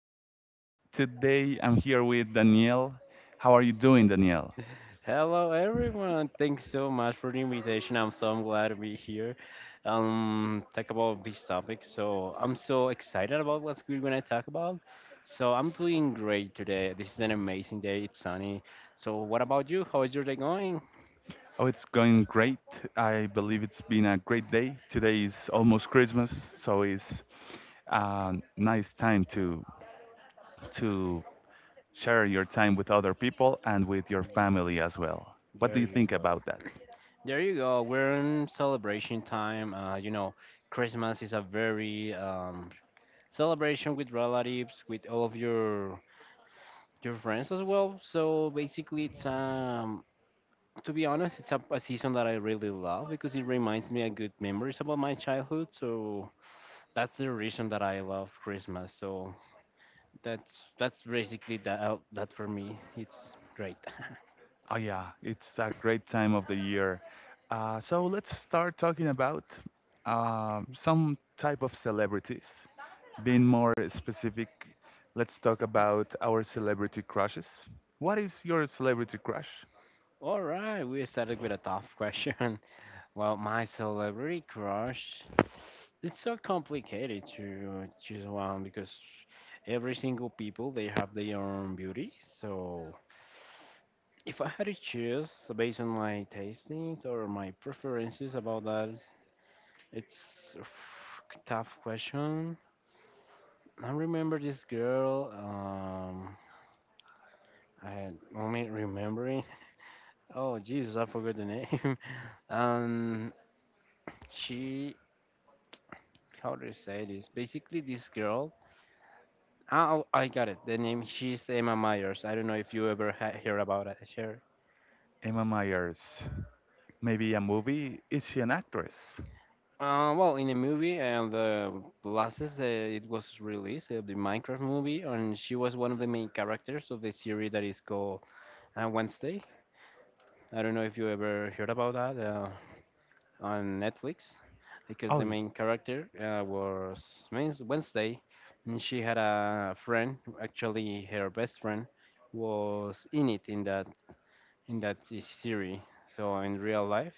everyone. Today I'm here with Danielle. How are you doing, Danielle? Hello everyone. Thanks so much for the invitation. I'm so glad to be here. Talk about this topic. So I'm so excited about what we're gonna talk about. So I'm doing great today. This is an amazing day. It's sunny. So what about you? How is your day going? Oh, it's going great. I believe it's been a great day. Today is almost Christmas, so it's a nice time to share your time with other people and with your family as well. What do There you you think go. about that? There you go. We're in celebration time. You know, Christmas is a very celebration with relatives, with all of your friends as well. So basically, it's a to be honest, it's a season that I really love because it reminds me of good memories about my childhood. So that's the reason that I love Christmas. So that's basically that for me. It's great. Oh yeah, it's a great time of the year. So let's start talking about some type of celebrities. Being more specific, let's talk about our celebrity crushes. What is your celebrity crush? All right, we started with a tough question. Well, my celebrity crush, it's so complicated to choose one because every single people they have their own beauty. So if I had to choose based on my tastings or my preferences about that, it's a tough question. I remember this girl. I only remembering. Oh Jesus, I forgot the name. um, she how do you say this? Basically, this girl. Oh, I got it. The name she's Emma Myers. I don't know if you ever hear about it. Sure. Emma Myers. Maybe a movie? Is she an actress? Well, in a movie and the glasses, it was released the Minecraft movie, and she was one of the main characters of the series that is called Wednesday. I don't know if you ever heard about that on Netflix, because Oh, the y- main character was Wednesday, and she had a friend, actually her best friend, was in it in that is theory. So in real life,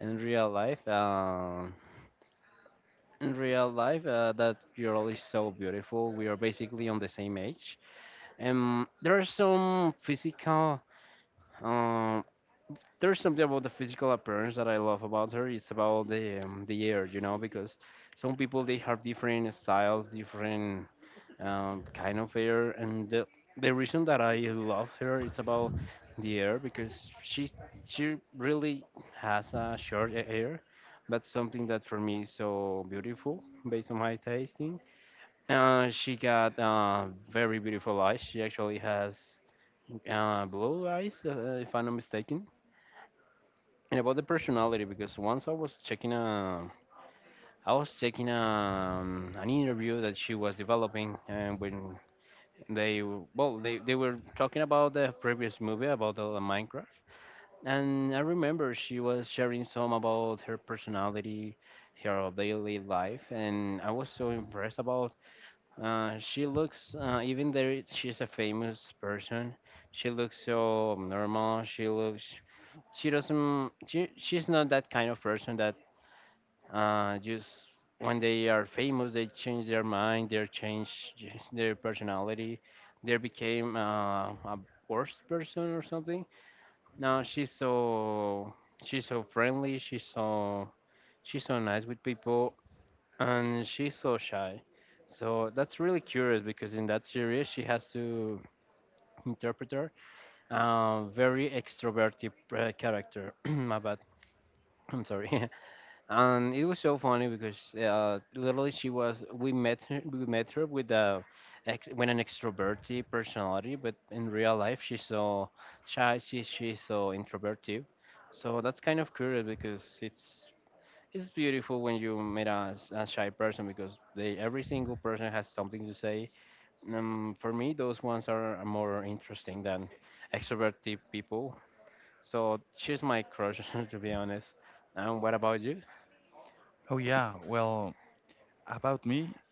in real life, uh, that girl is so beautiful. We are basically on the same age, and there are some physical. Um, there's something about the physical appearance that I love about her. It's about the hair, you know, because some people they have different styles, different kind of air. And the reason that I love her it's about the air because she she really has a short air, but something that for me is so beautiful based on my tasting. She got very beautiful eyes. She actually has blue eyes, if I'm not mistaken. And about the personality, because once I was checking I was checking an interview that she was developing, and when well, they were talking about the previous movie about the Minecraft, and I remember she was sharing some about her personality, her daily life, and I was so impressed about. She looks even though she's a famous person, she looks so normal. She looks she's not that kind of person just when they are famous, they change their mind, they change their personality, they became a worse person or something. No, she's so friendly, she's so nice with people, and she's so shy. So that's really curious because in that series she has to interpret her, very extroverted character. My bad. I'm sorry. And it was so funny because literally she was we met her with with an extroverted personality, but in real life she's so shy. She's so introverted, so that's kind of curious because it's beautiful when you meet a shy person because they every single person has something to say. For me those ones are more interesting than extroverted people, so she's my crush to be honest. And what about you? oh yeah. Well, about me,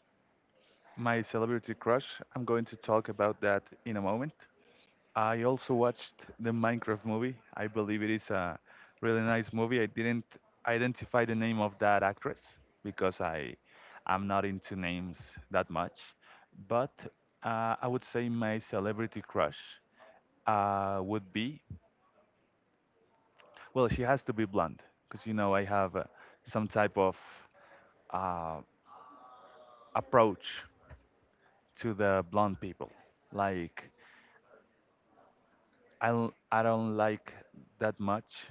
my celebrity crush. I'm going to talk about that in a moment. I also watched the Minecraft movie. I believe it is a really nice movie. I didn't identify the name of that actress because I am not into names that much. But I would say my celebrity crush would be well, she has to be blonde because you know I have some type of uh, approach to the blonde people. Like I don't like that much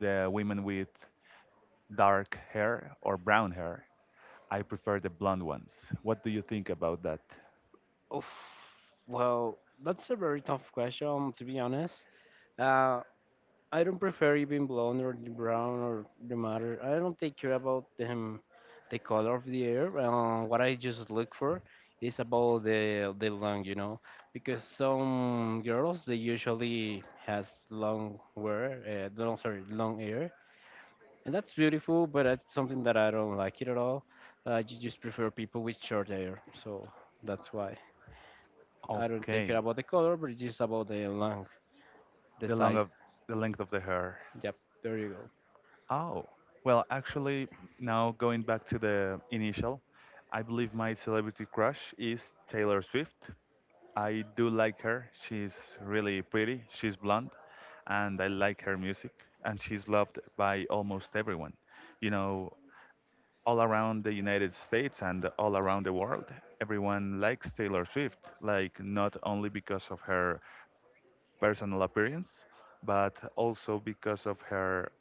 the women with dark hair or brown hair. I prefer the blonde ones. What do you think about that? Oof. Well, that's a very tough question, to be honest. Uh, I don't prefer it being blonde or the brown or the matter. I don't take care about them, the color of the hair. What I just look for is about the long, you know, because some girls they usually has long hair, no, sorry, long hair, and that's beautiful. But that's something that I don't like it at all. I just prefer people with short hair, so that's why. I don't take care Okay, about the color, but it's just about the length, the the long size. of the length of the hair. Yep, there you go. Oh, well, actually, now going back to the initial, I believe my celebrity crush is Taylor Swift. I do like her. She's really pretty. She's blonde, and I like her music. And she's loved by almost everyone. You know, all around the United States and all around the world. Everyone likes Taylor Swift, like not only because of her personal appearance, but also because of her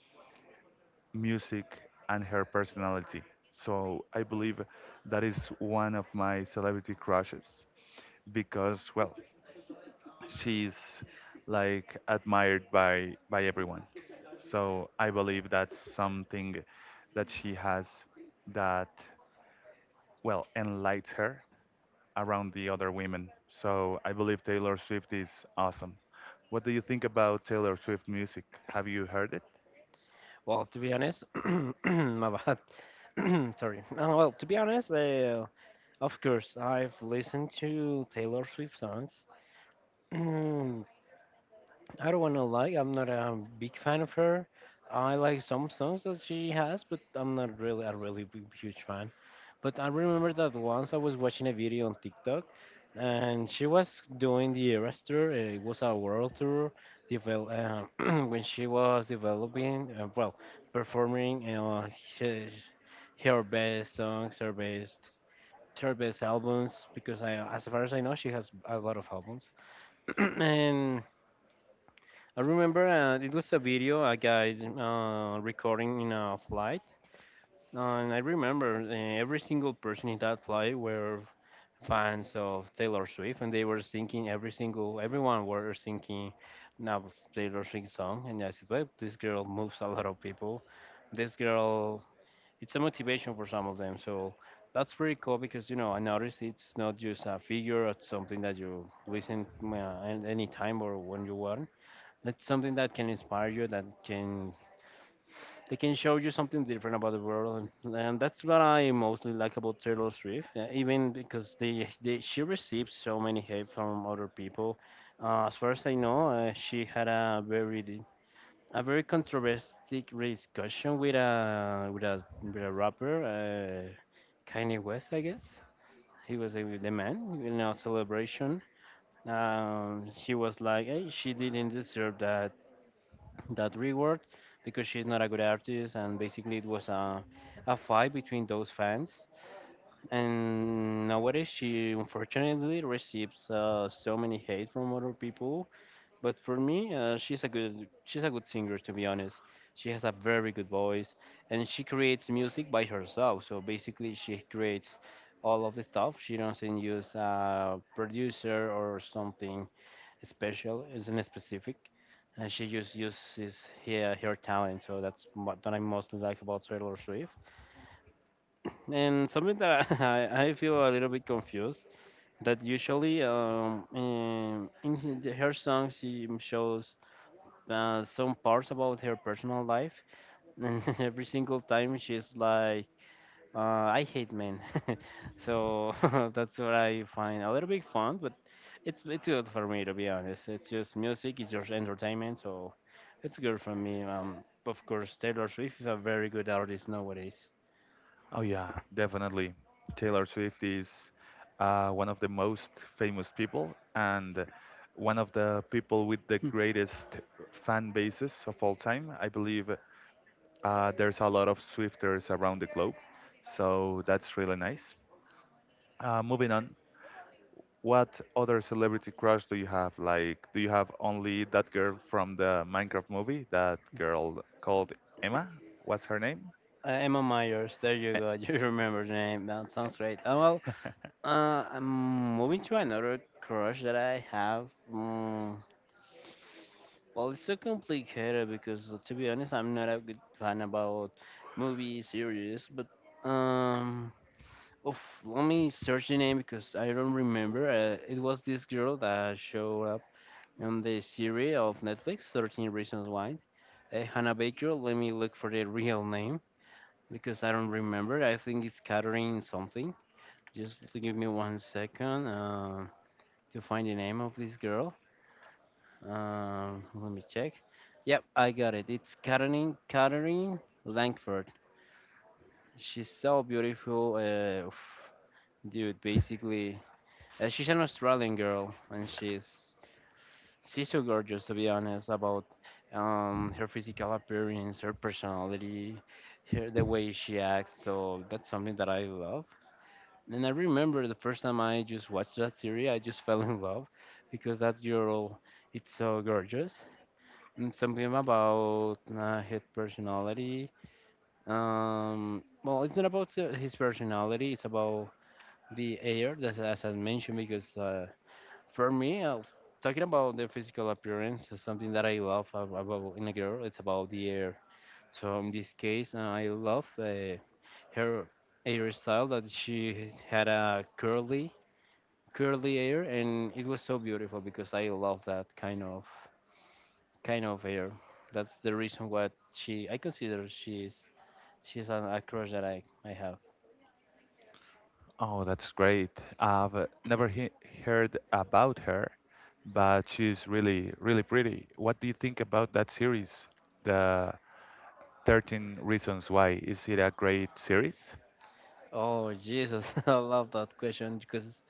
music and her personality. So I believe that is one of my celebrity crushes because, well, she's like admired by everyone. So I believe that's something that she has that well enlightens her around the other women. So I believe Taylor Swift is awesome. What do you think about Taylor Swift music? Have you heard it? Well, to be honest, my bad. Sorry. Well, to be honest, of course, I've listened to Taylor Swift songs. I don't wanna lie, I'm not a big fan of her. I like some songs that she has, but I'm not really a really big, huge fan. But I remember that once I was watching a video on TikTok, and she was doing the Eras tour. It was a world tour. Devel- uh, when she was developing, well, performing her, her best songs, her best albums. Because I, as far as I know, she has a lot of albums, and I remember it was a video a guy recording in a flight, and I remember every single person in that flight were fans of Taylor Swift, and they were singing everyone were singing now Taylor Swift song, and I said, well, this girl moves a lot of people. This girl, it's a motivation for some of them. So that's pretty cool because you know I noticed it's not just a figure or something that you listen any time or when you want, that's something that can inspire you, that can they can show you something different about the world. And that's what I mostly like about Taylor Swift. Even because they she received so many hate from other people. As far as I know, she had a a very controversial discussion with a with a rapper, Kanye West I guess. He was the man in a celebration. He was like, hey, she didn't deserve that reward because she's not a good artist, and basically it was a fight between those fans. And nowadays she unfortunately receives so many hate from other people, but for me she's a good singer, to be honest. She has a very good voice, and she creates music by herself, so basically she creates all of the stuff. She doesn't use a producer or something special, isn't specific, and she just uses her talent. So that's what that I mostly like about Taylor Swift. And something that I feel a little bit confused that usually in her songs she shows some parts about her personal life, and every single time she's like I hate men, so that's what I find a little bit fun, but it's good for me, to be honest. It's just music, it's just entertainment, so it's good for me. Of course, Taylor Swift is a very good artist nowadays. Oh yeah, definitely. Taylor Swift is one of the most famous people and one of the people with the greatest fan bases of all time. I believe there's a lot of Swifters around the globe, so that's really nice. Moving on. What other celebrity crush do you have? Like, do you have only that girl from the Minecraft movie? That girl called Emma? What's her name? Emma Myers, there you Eh. go. You remember the name. That sounds great. I'm moving to another crush that I have. Mm, Well, it's so complicated because, to be honest, I'm not a good fan about movie series. But um, oof, let me search the name because I don't remember. It was this girl that showed up on the series of Netflix, 13 Reasons Why. Hannah Baker. Let me look for the real name because I don't remember. I think it's Catherine something. Just give me one second to find the name of this girl. Let me check. Yep, I got it. It's Katherine Langford. She's so beautiful, oof, dude. Basically, she's an Australian girl, and she's so gorgeous. To be honest, about her physical appearance, her personality, her the way she acts. So that's something that I love. And I remember the first time I just watched that series, I just fell in love because that girl, it's so gorgeous. Mm, something about his personality. Well, it's not about his personality. It's about the air, that's, as I mentioned, because for me, talking about the physical appearance is something that I love about in a girl. It's about the air. So in this case, I love her hairstyle that she had a curly, curly hair, and it was so beautiful because I love that kind of her. That's the reason what she I consider she's an a crush that I have. Oh, that's great. I've never he heard about her, but she's really, really pretty. What do you think about that series? The 13 Reasons Why. Is it a great series? Oh Jesus, I love that question because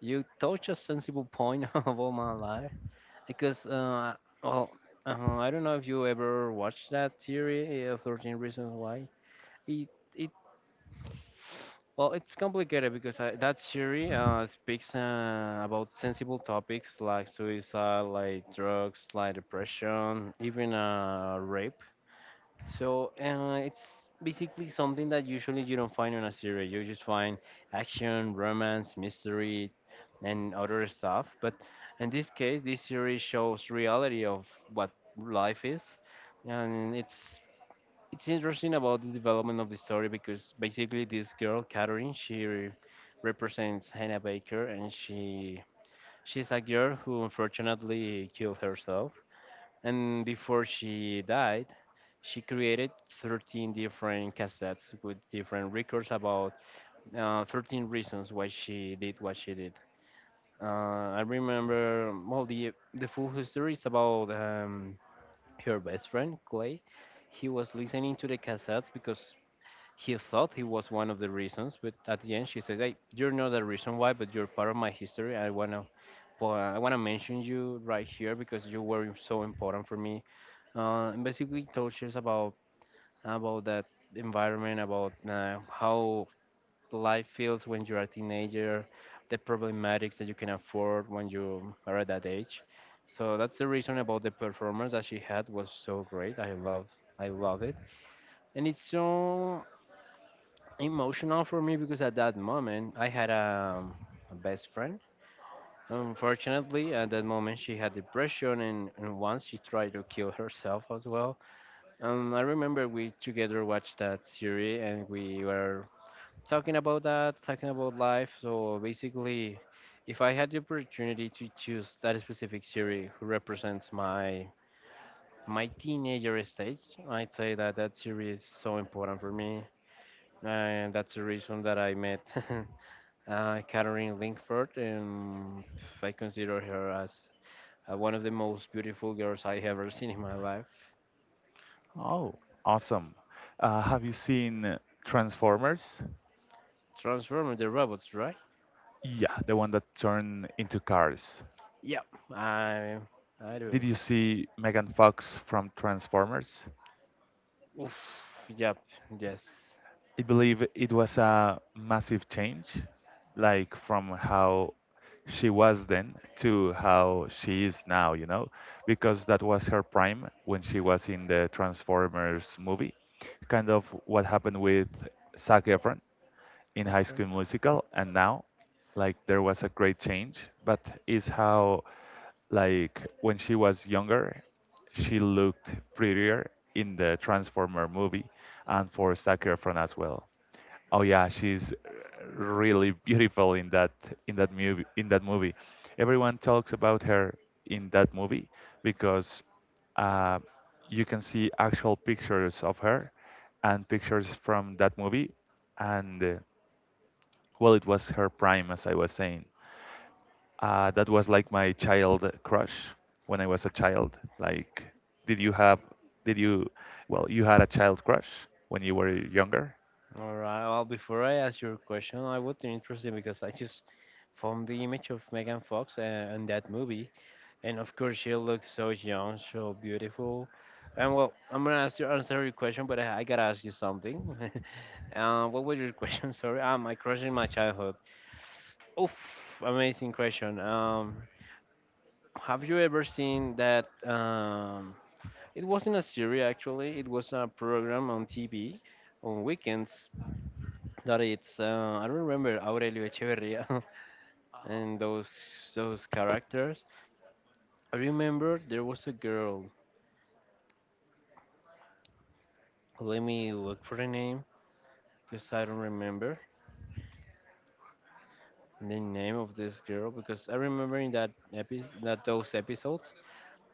you touch a sensible point of all my life. Because uh, well, I don't know if you ever watched that theory, 13 Reasons Why. It it Well, it's complicated because that theory speaks about sensible topics like suicide, like drugs, like depression, even rape. So it's basically something that usually you don't find on a series. You just find action, romance, mystery, and other stuff. But in this case, this series shows reality of what life is, and it's interesting about the development of the story because basically this girl, Catherine, represents Hannah Baker, and she's a girl who unfortunately killed herself, and before she died, she created 13 different cassettes with different records about 13 reasons why she did what she did. Uh, I remember, well, the full history is about her best friend, Clay. He was listening to the cassettes because he thought he was one of the reasons, but at the end she says, hey, you're not the reason why, but you're part of my history. I want to. I want to mention you right here because you were so important for me, and basically touches about that environment, about how life feels when you're a teenager, the problematics that you can afford when you are at that age. So that's the reason about the performance that she had was so great. I love it, and it's so emotional for me because at that moment I had a best friend. Unfortunately, at that moment she had depression, and, once she tried to kill herself as well. I remember we together watched that series, and we were talking about that, talking about life. So basically, if I had the opportunity to choose that specific series who represents my teenager stage, I'd say that that series is so important for me, and that's the reason that I met Catherine Linkford, and I consider her as one of the most beautiful girls I ever seen in my life. Oh, awesome. Have you seen Transformers? Transformer the robots, right? Yeah, the one that turned into cars. Yep, I I do. Did you see Megan Fox from Transformers? Oof, yep, yes. I believe it was a massive change, like from how she was then to how she is now, you know, because that was her prime when she was in the Transformers movie, kind of what happened with Zac Efron in High Okay. School Musical, and now. Like there was a great change, but is how like when she was younger she looked prettier in the transformer movie, and for sakura front as well. Oh yeah, she's really beautiful in that in that movie. Everyone talks about her in that movie because uh, you can see actual pictures of her and pictures from that movie. And well, it was her prime, as I was saying. That was like my child crush when I was a child. Like, did you have, did you, well, you had a child crush when you were younger? All right. Well, before I ask your question, I would be interested because I just found the image of Megan Fox in that movie, and of course she looks so young, so beautiful. And well, I'm gonna ask you answer your question, but I gotta ask you something. What was your question? Sorry, ah, my crush in my childhood. Oof, amazing question. Have you ever seen that? It wasn't a series actually. It was a program on TV on weekends that it's I remember Aurelio Echeverria and those characters. I remember there was a girl. Let me look for the name because I don't remember the name of this girl, because I remember in that episode that those episodes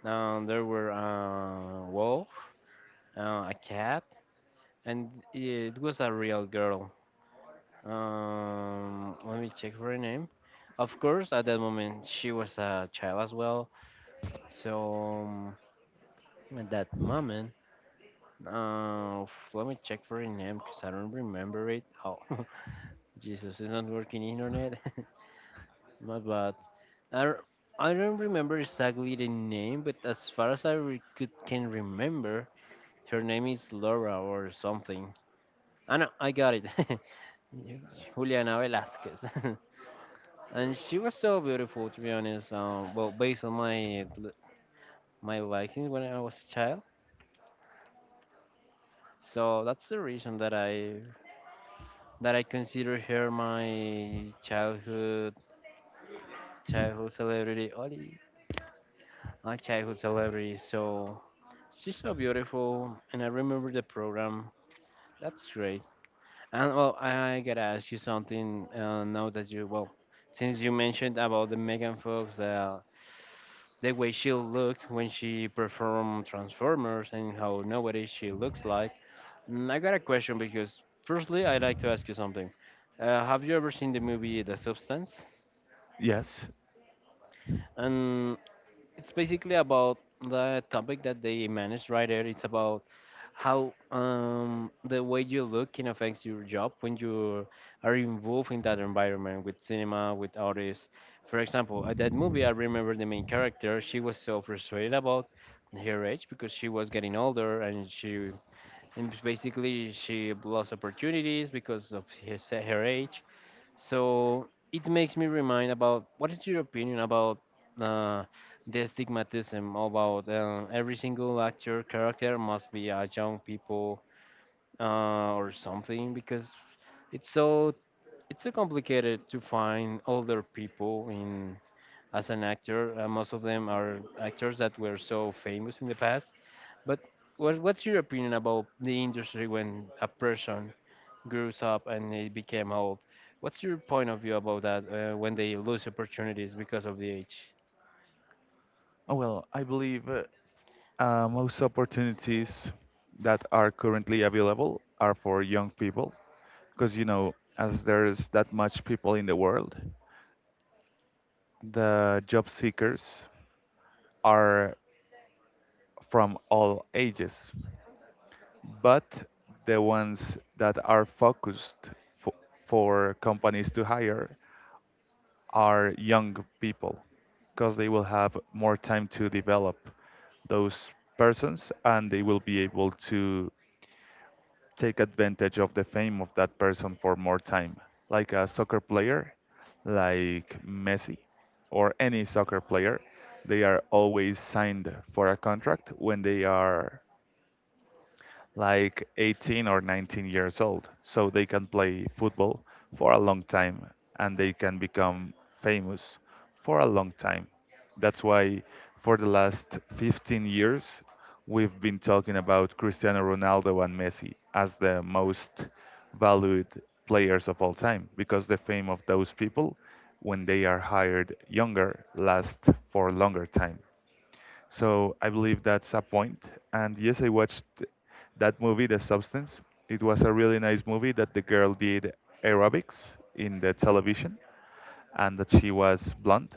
there were a wolf, a cat, and it was a real girl. Let me check for her name. Of course, at that moment she was a child as well. So at that moment, let me check for her name because I don't remember it. Oh, Jesus, it's not working internet. My bad. I r- I don't remember exactly the name, but as far as I re- could can remember, her name is Laura or something. Ah no, I got it. Juliana Velasquez. And she was so beautiful to be honest. Well, based on my liking when I was a child, so that's the reason that I consider her my childhood celebrity. Oli, my childhood celebrity. So she's so beautiful, and I remember the program. That's great. And well, I gotta ask you something now that you well, since you mentioned about the Megan Fox, the way she looked when she performed Transformers and how nowadays she looks like. Mm, I got a question because, firstly, I'd like to ask you something. Have you ever seen the movie The Substance? Yes. And it's basically about the topic that they managed right there. It's about how the way you look can affects your job when you are involved in that environment with cinema, with artists. For example, at that movie, I remember the main character. She was so frustrated about her age because she was getting older, and she and basically she lost opportunities because of her age. So it makes me remind about what is your opinion about uh, the stigmatism about every single actor character must be a young people or something because it's so it's so complicated to find older people in as an actor. Most of them are actors that were so famous in the past. But what's your opinion about the industry when a person grows up and they became old. What's your point of view about that when they lose opportunities because of the age? Oh, well, I believe most opportunities that are currently available are for young people because, you know, as there's that much people in the world, the job seekers are from all ages, but the ones that are focused for, for companies to hire are young people because they will have more time to develop those persons, and they will be able to take advantage of the fame of that person for more time, like a soccer player like Messi or any soccer player. They are always signed for a contract when they are like 18 or 19 years old. So they can play football for a long time, and they can become famous for a long time. That's why for the last 15 years, we've been talking about Cristiano Ronaldo and Messi as the most valued players of all time, because the fame of those people when they are hired younger lasts for a longer time. So I believe that's a point. And yes, I watched that movie, The Substance. It was a really nice movie that the girl did aerobics in the Yep. television, and that she was blonde.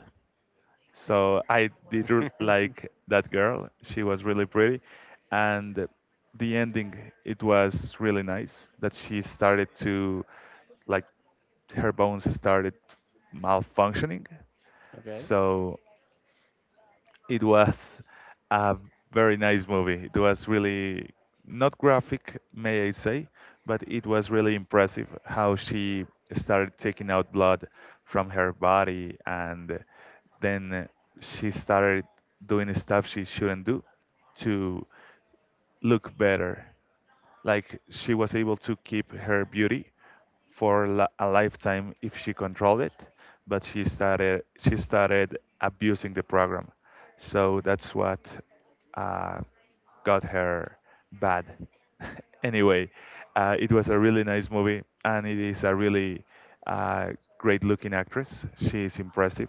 So like that girl. She was really pretty. And the ending, it was really nice that she started to, like, her bones started malfunctioning. okay. So it was a very nice movie. It was really not graphic, may I say, but it was really impressive how she started taking out blood from her body, and then she started doing stuff she shouldn't do to look better. Like she was able to keep her beauty for a lifetime if she controlled it, but she started abusing the program. So that's what uh, got her bad. Anyway, it was a really nice movie, and it is a really uh, great looking actress. She is impressive.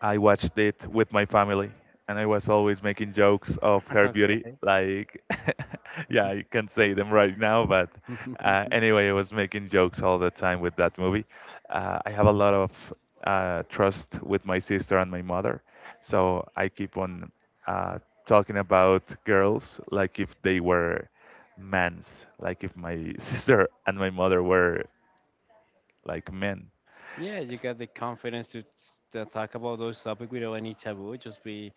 I watched it with my family, and I was always making jokes of her beauty. Okay. Like, yeah, I can't say them right now, but anyway, I was making jokes all the time with that movie. I have a lot of trust with my sister and my mother, so I keep on uh, talking about girls like if they were mans, like if my sister and my mother were like men. Yeah, you S- got the confidence to talk about those topics without any taboo. Just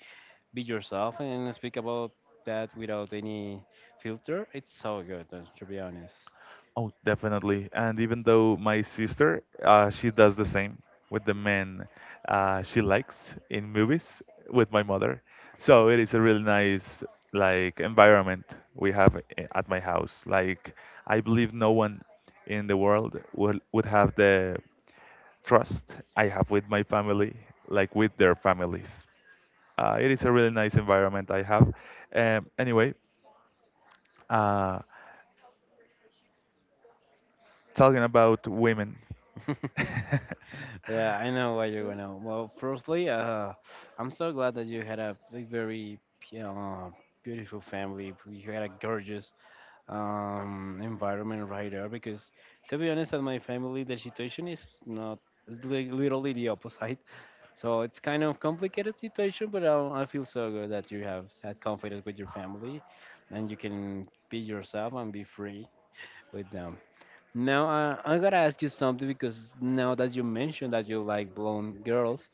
be yourself and speak about that without any filter. It's so good, to be honest. Oh, definitely. And even though my sister, she does the same with the men she likes in movies with my mother. So it is a really nice like environment we have at my house. Like I believe no one in the world would have the trust I have with my family, like with their families. It is a really nice environment I have. Anyway uh, talking about women. Yeah, I know what you're gonna. Well, firstly, I'm so glad that you had a like, very beautiful family. You had a gorgeous environment right there. Because to be honest, at my family, the situation is not is literally the opposite. So it's kind of complicated situation, but I feel so good that you have that confidence with your family, and you can be yourself and be free with them. Now, I gotta ask you something because now that you mentioned that you like blonde girls,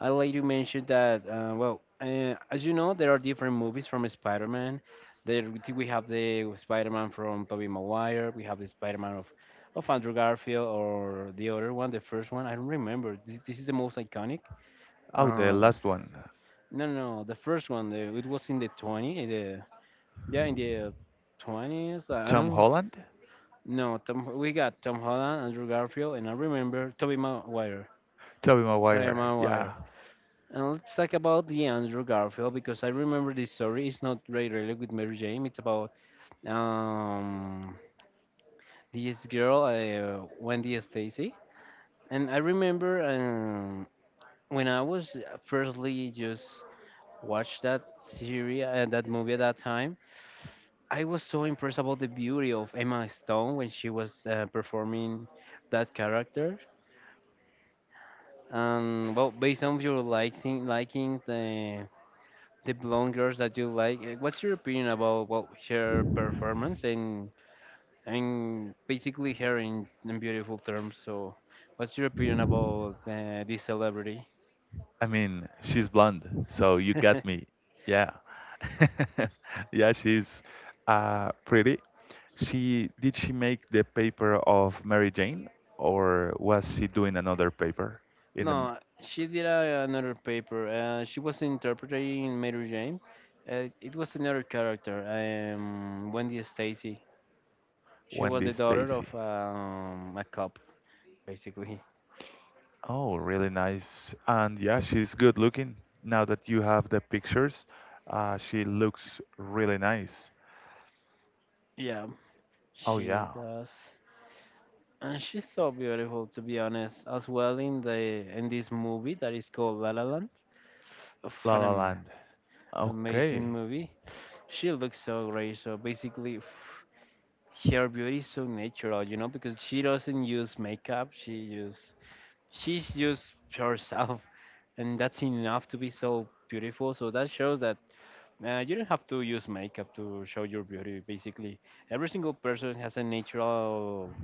I like you mentioned that, well, as you know, there are different movies from Spider Man. There we have the Spider Man from Tobey Maguire, we have the Spider Man of Andrew Garfield, or the other one, the first one. I don't remember. This is the most iconic. Oh, the Uh, last one. no, no, no, the first one, it was in the 20, in the, yeah, in the 20s. I Tom don't Holland, no, Tom, we got Tom Holland, Andrew Garfield, and I remember Tobey Maguire. Tobey Tobey Maguire. Yeah, Maguire. And let's talk about the Andrew Garfield because I remember this story. It's not really related with Mary Jane. It's about um this girl, Wendy Stacy. And I remember when I was firstly just watched that series and that movie at that time. I was so impressed about the beauty of Emma Stone when she was performing that character. Well, based on your liking the blonde girls that you like, what's your opinion about well her performance and basically her in beautiful terms? So, what's your opinion about this celebrity? I mean she's blonde, so you got me. Yeah, yeah, she's pretty. She make the paper of Mary Jane, or was she doing another paper in the No, she did another paper. She was interpreting Mary Jane. It was another character, Wendy Stacy. She was Wendy the daughter Stacy? of a cop, basically. Oh, really nice. And yeah, she's good looking. Now that you have the pictures, she looks really nice. Yeah. Oh She yeah, does, and she's so beautiful to be honest. As well in the in this movie that is called La La Land, of La an La am- Land. amazing Okay. movie. She looks so great. So basically, her beauty is so natural, you know, because she doesn't use makeup. She's just herself, and that's enough to be so beautiful. So that shows that. You don't have to use makeup to show your beauty. Basically, every single person has a natural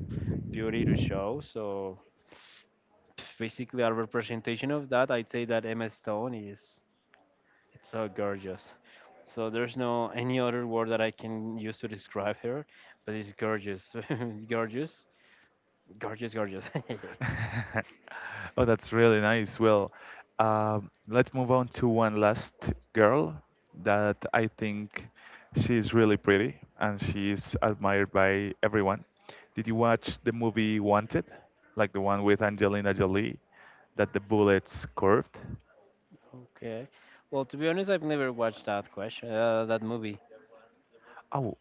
beauty to show. So basically, a representation of that, I'd say that Emma Stone is it's so gorgeous. So there's no any other word that I can use to describe her, but it's gorgeous, gorgeous, gorgeous, gorgeous. Oh, that's really nice. Well, let's move on to one last girl that I think she's really pretty and she's admired by everyone. Did you watch the movie Wanted? Like the one with Angelina Jolie that the bullets curved? Okay. Well, to be honest, I've never watched that question, that movie. Oh,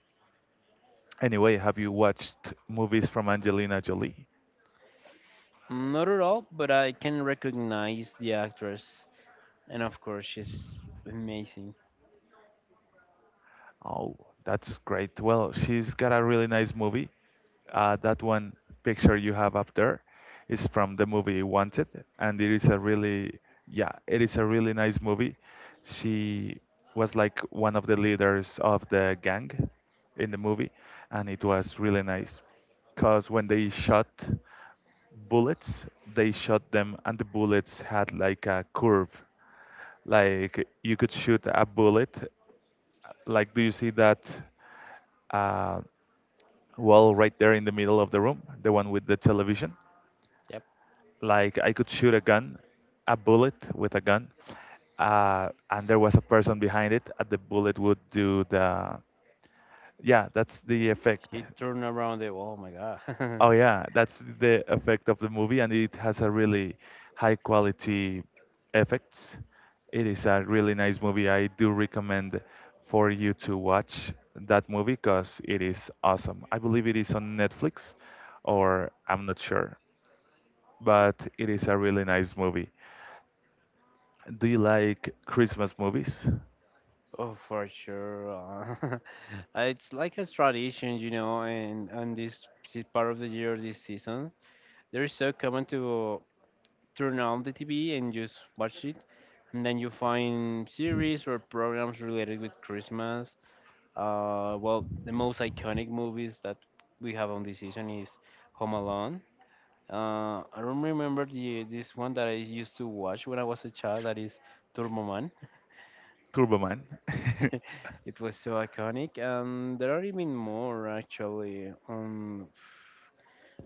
anyway, have you watched movies from Angelina Jolie? Not at all, but I can recognize the actress, and of course, she's amazing. Oh, that's great. Well, she's got a really nice movie. That one picture you have up there is from the movie Wanted, and it is a really, yeah, it is a really nice movie. She was like one of the leaders of the gang in the movie, and it was really nice. Because when they shot bullets, they shot them, and the bullets had like a curve. Like you could shoot a bullet, like, do you see that uh, wall right there in the middle of the room, the one with the television? Yep, Like, I could shoot a gun, a bullet with a gun, and there was a person behind it, and the bullet would do the. Yeah, that's the effect. she turned around the. Oh my god. Oh yeah, that's the effect of the movie, and it has a really high quality effects. It is a really nice movie. I do recommend for you to watch that movie because it is awesome. I believe it is on Netflix, or I'm not sure, but it is a really nice movie. Do you like Christmas movies? Oh, for sure. It's like a tradition, you know, and on this part of the year, this season, there is so common to turn on the TV and just watch it. And then you find series or programs related with Christmas. Well, the most iconic movies that we have on this season is Home Alone. I don't remember the this one that I used to watch when I was a child. That is Turboman. Turboman. It was so iconic, and there are even more actually.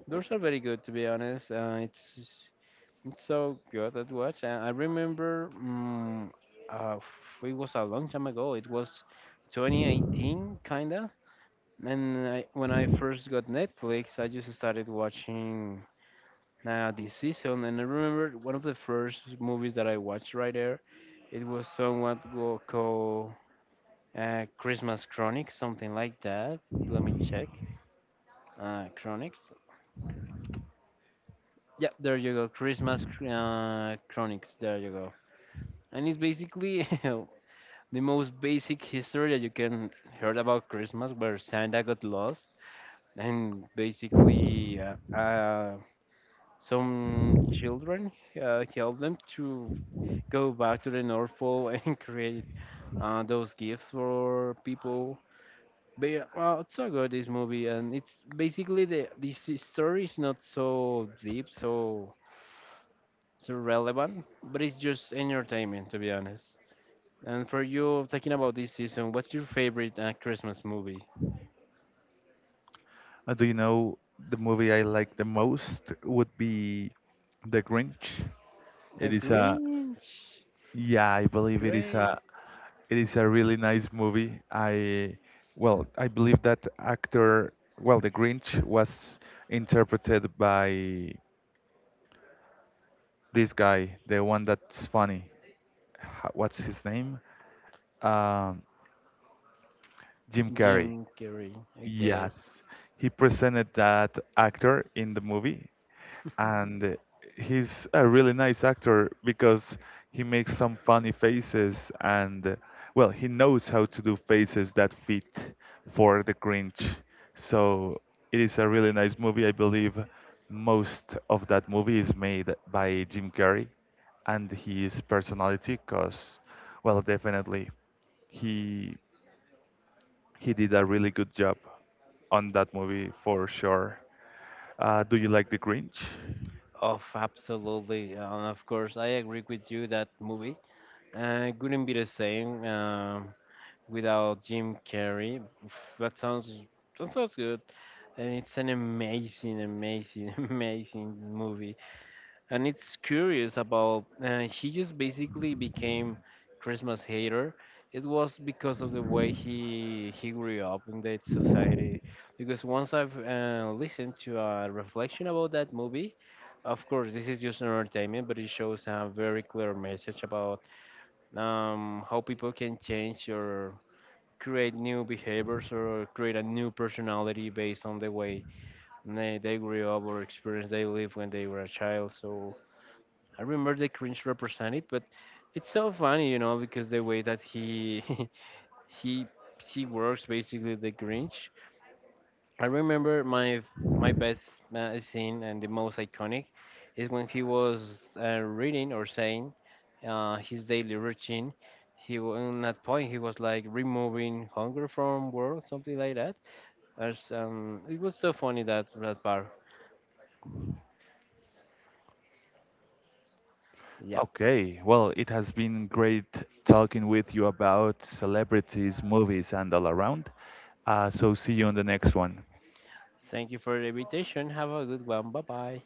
Those are very good to be honest. It's so good at watch. And I remember, it was a long time ago. It was 2018, kinda. And I, when I first got Netflix, I just started watching this season. And I remember one of the first movies that I watched right there. It was somewhat go- called Christmas Chronics, something like that. Let me check. Chronics. Yeah, there you go. Chronics. There you go. And it's basically the most basic history that you can heard about Christmas, where Santa got lost, and basically some children help them to go back to the North Pole and create those gifts for people. But yeah, well, it's so good this movie, and it's basically the this story is not so deep, so relevant, but it's just entertainment to be honest. And for you, talking about this season, what's your favorite Christmas movie? Do you know the movie I like the most would be The Grinch? A It is a, Grinch, yeah, I believe great. it is a really nice movie. Well, I believe that actor, well, The Grinch was interpreted by this guy, the one that's funny. What's his name? Um, Jim Jim Carrey. Carrey, okay. Yes, he presented that actor in the movie, and he's a really nice actor because he makes some funny faces, and well, he knows how to do faces that fit for the Grinch. So it is a really nice movie. I believe most of that movie is made by Jim Carrey and his personality, because well, definitely he he did a really good job on that movie for sure. Do you like The Grinch? Oh, absolutely, and of course, I agree with you that movie couldn't be the same without Jim Carrey. Oof, that sounds that sounds good. And it's an amazing, amazing, amazing movie. And it's curious about she just basically became Christmas hater. It was because of the way he grew up in that society. Because once I've listened to a reflection about that movie, of course this is just an entertainment, but it shows a very clear message about how people can change or create new behaviors or create a new personality based on the way they grew up or experience they lived when they were a child. So I remember the cringe represented, but it's so funny, you know, because the way that he he he works basically the Grinch. I remember my best scene and the most iconic is when he was reading or saying his daily routine. In that point he was like removing hunger from world, something like that. As, it was so funny that that part. Yeah. Okay, well, it has been great talking with you about celebrities, movies, and all around. So see you on the next one. Thank you for the invitation. Have a good one. Bye bye.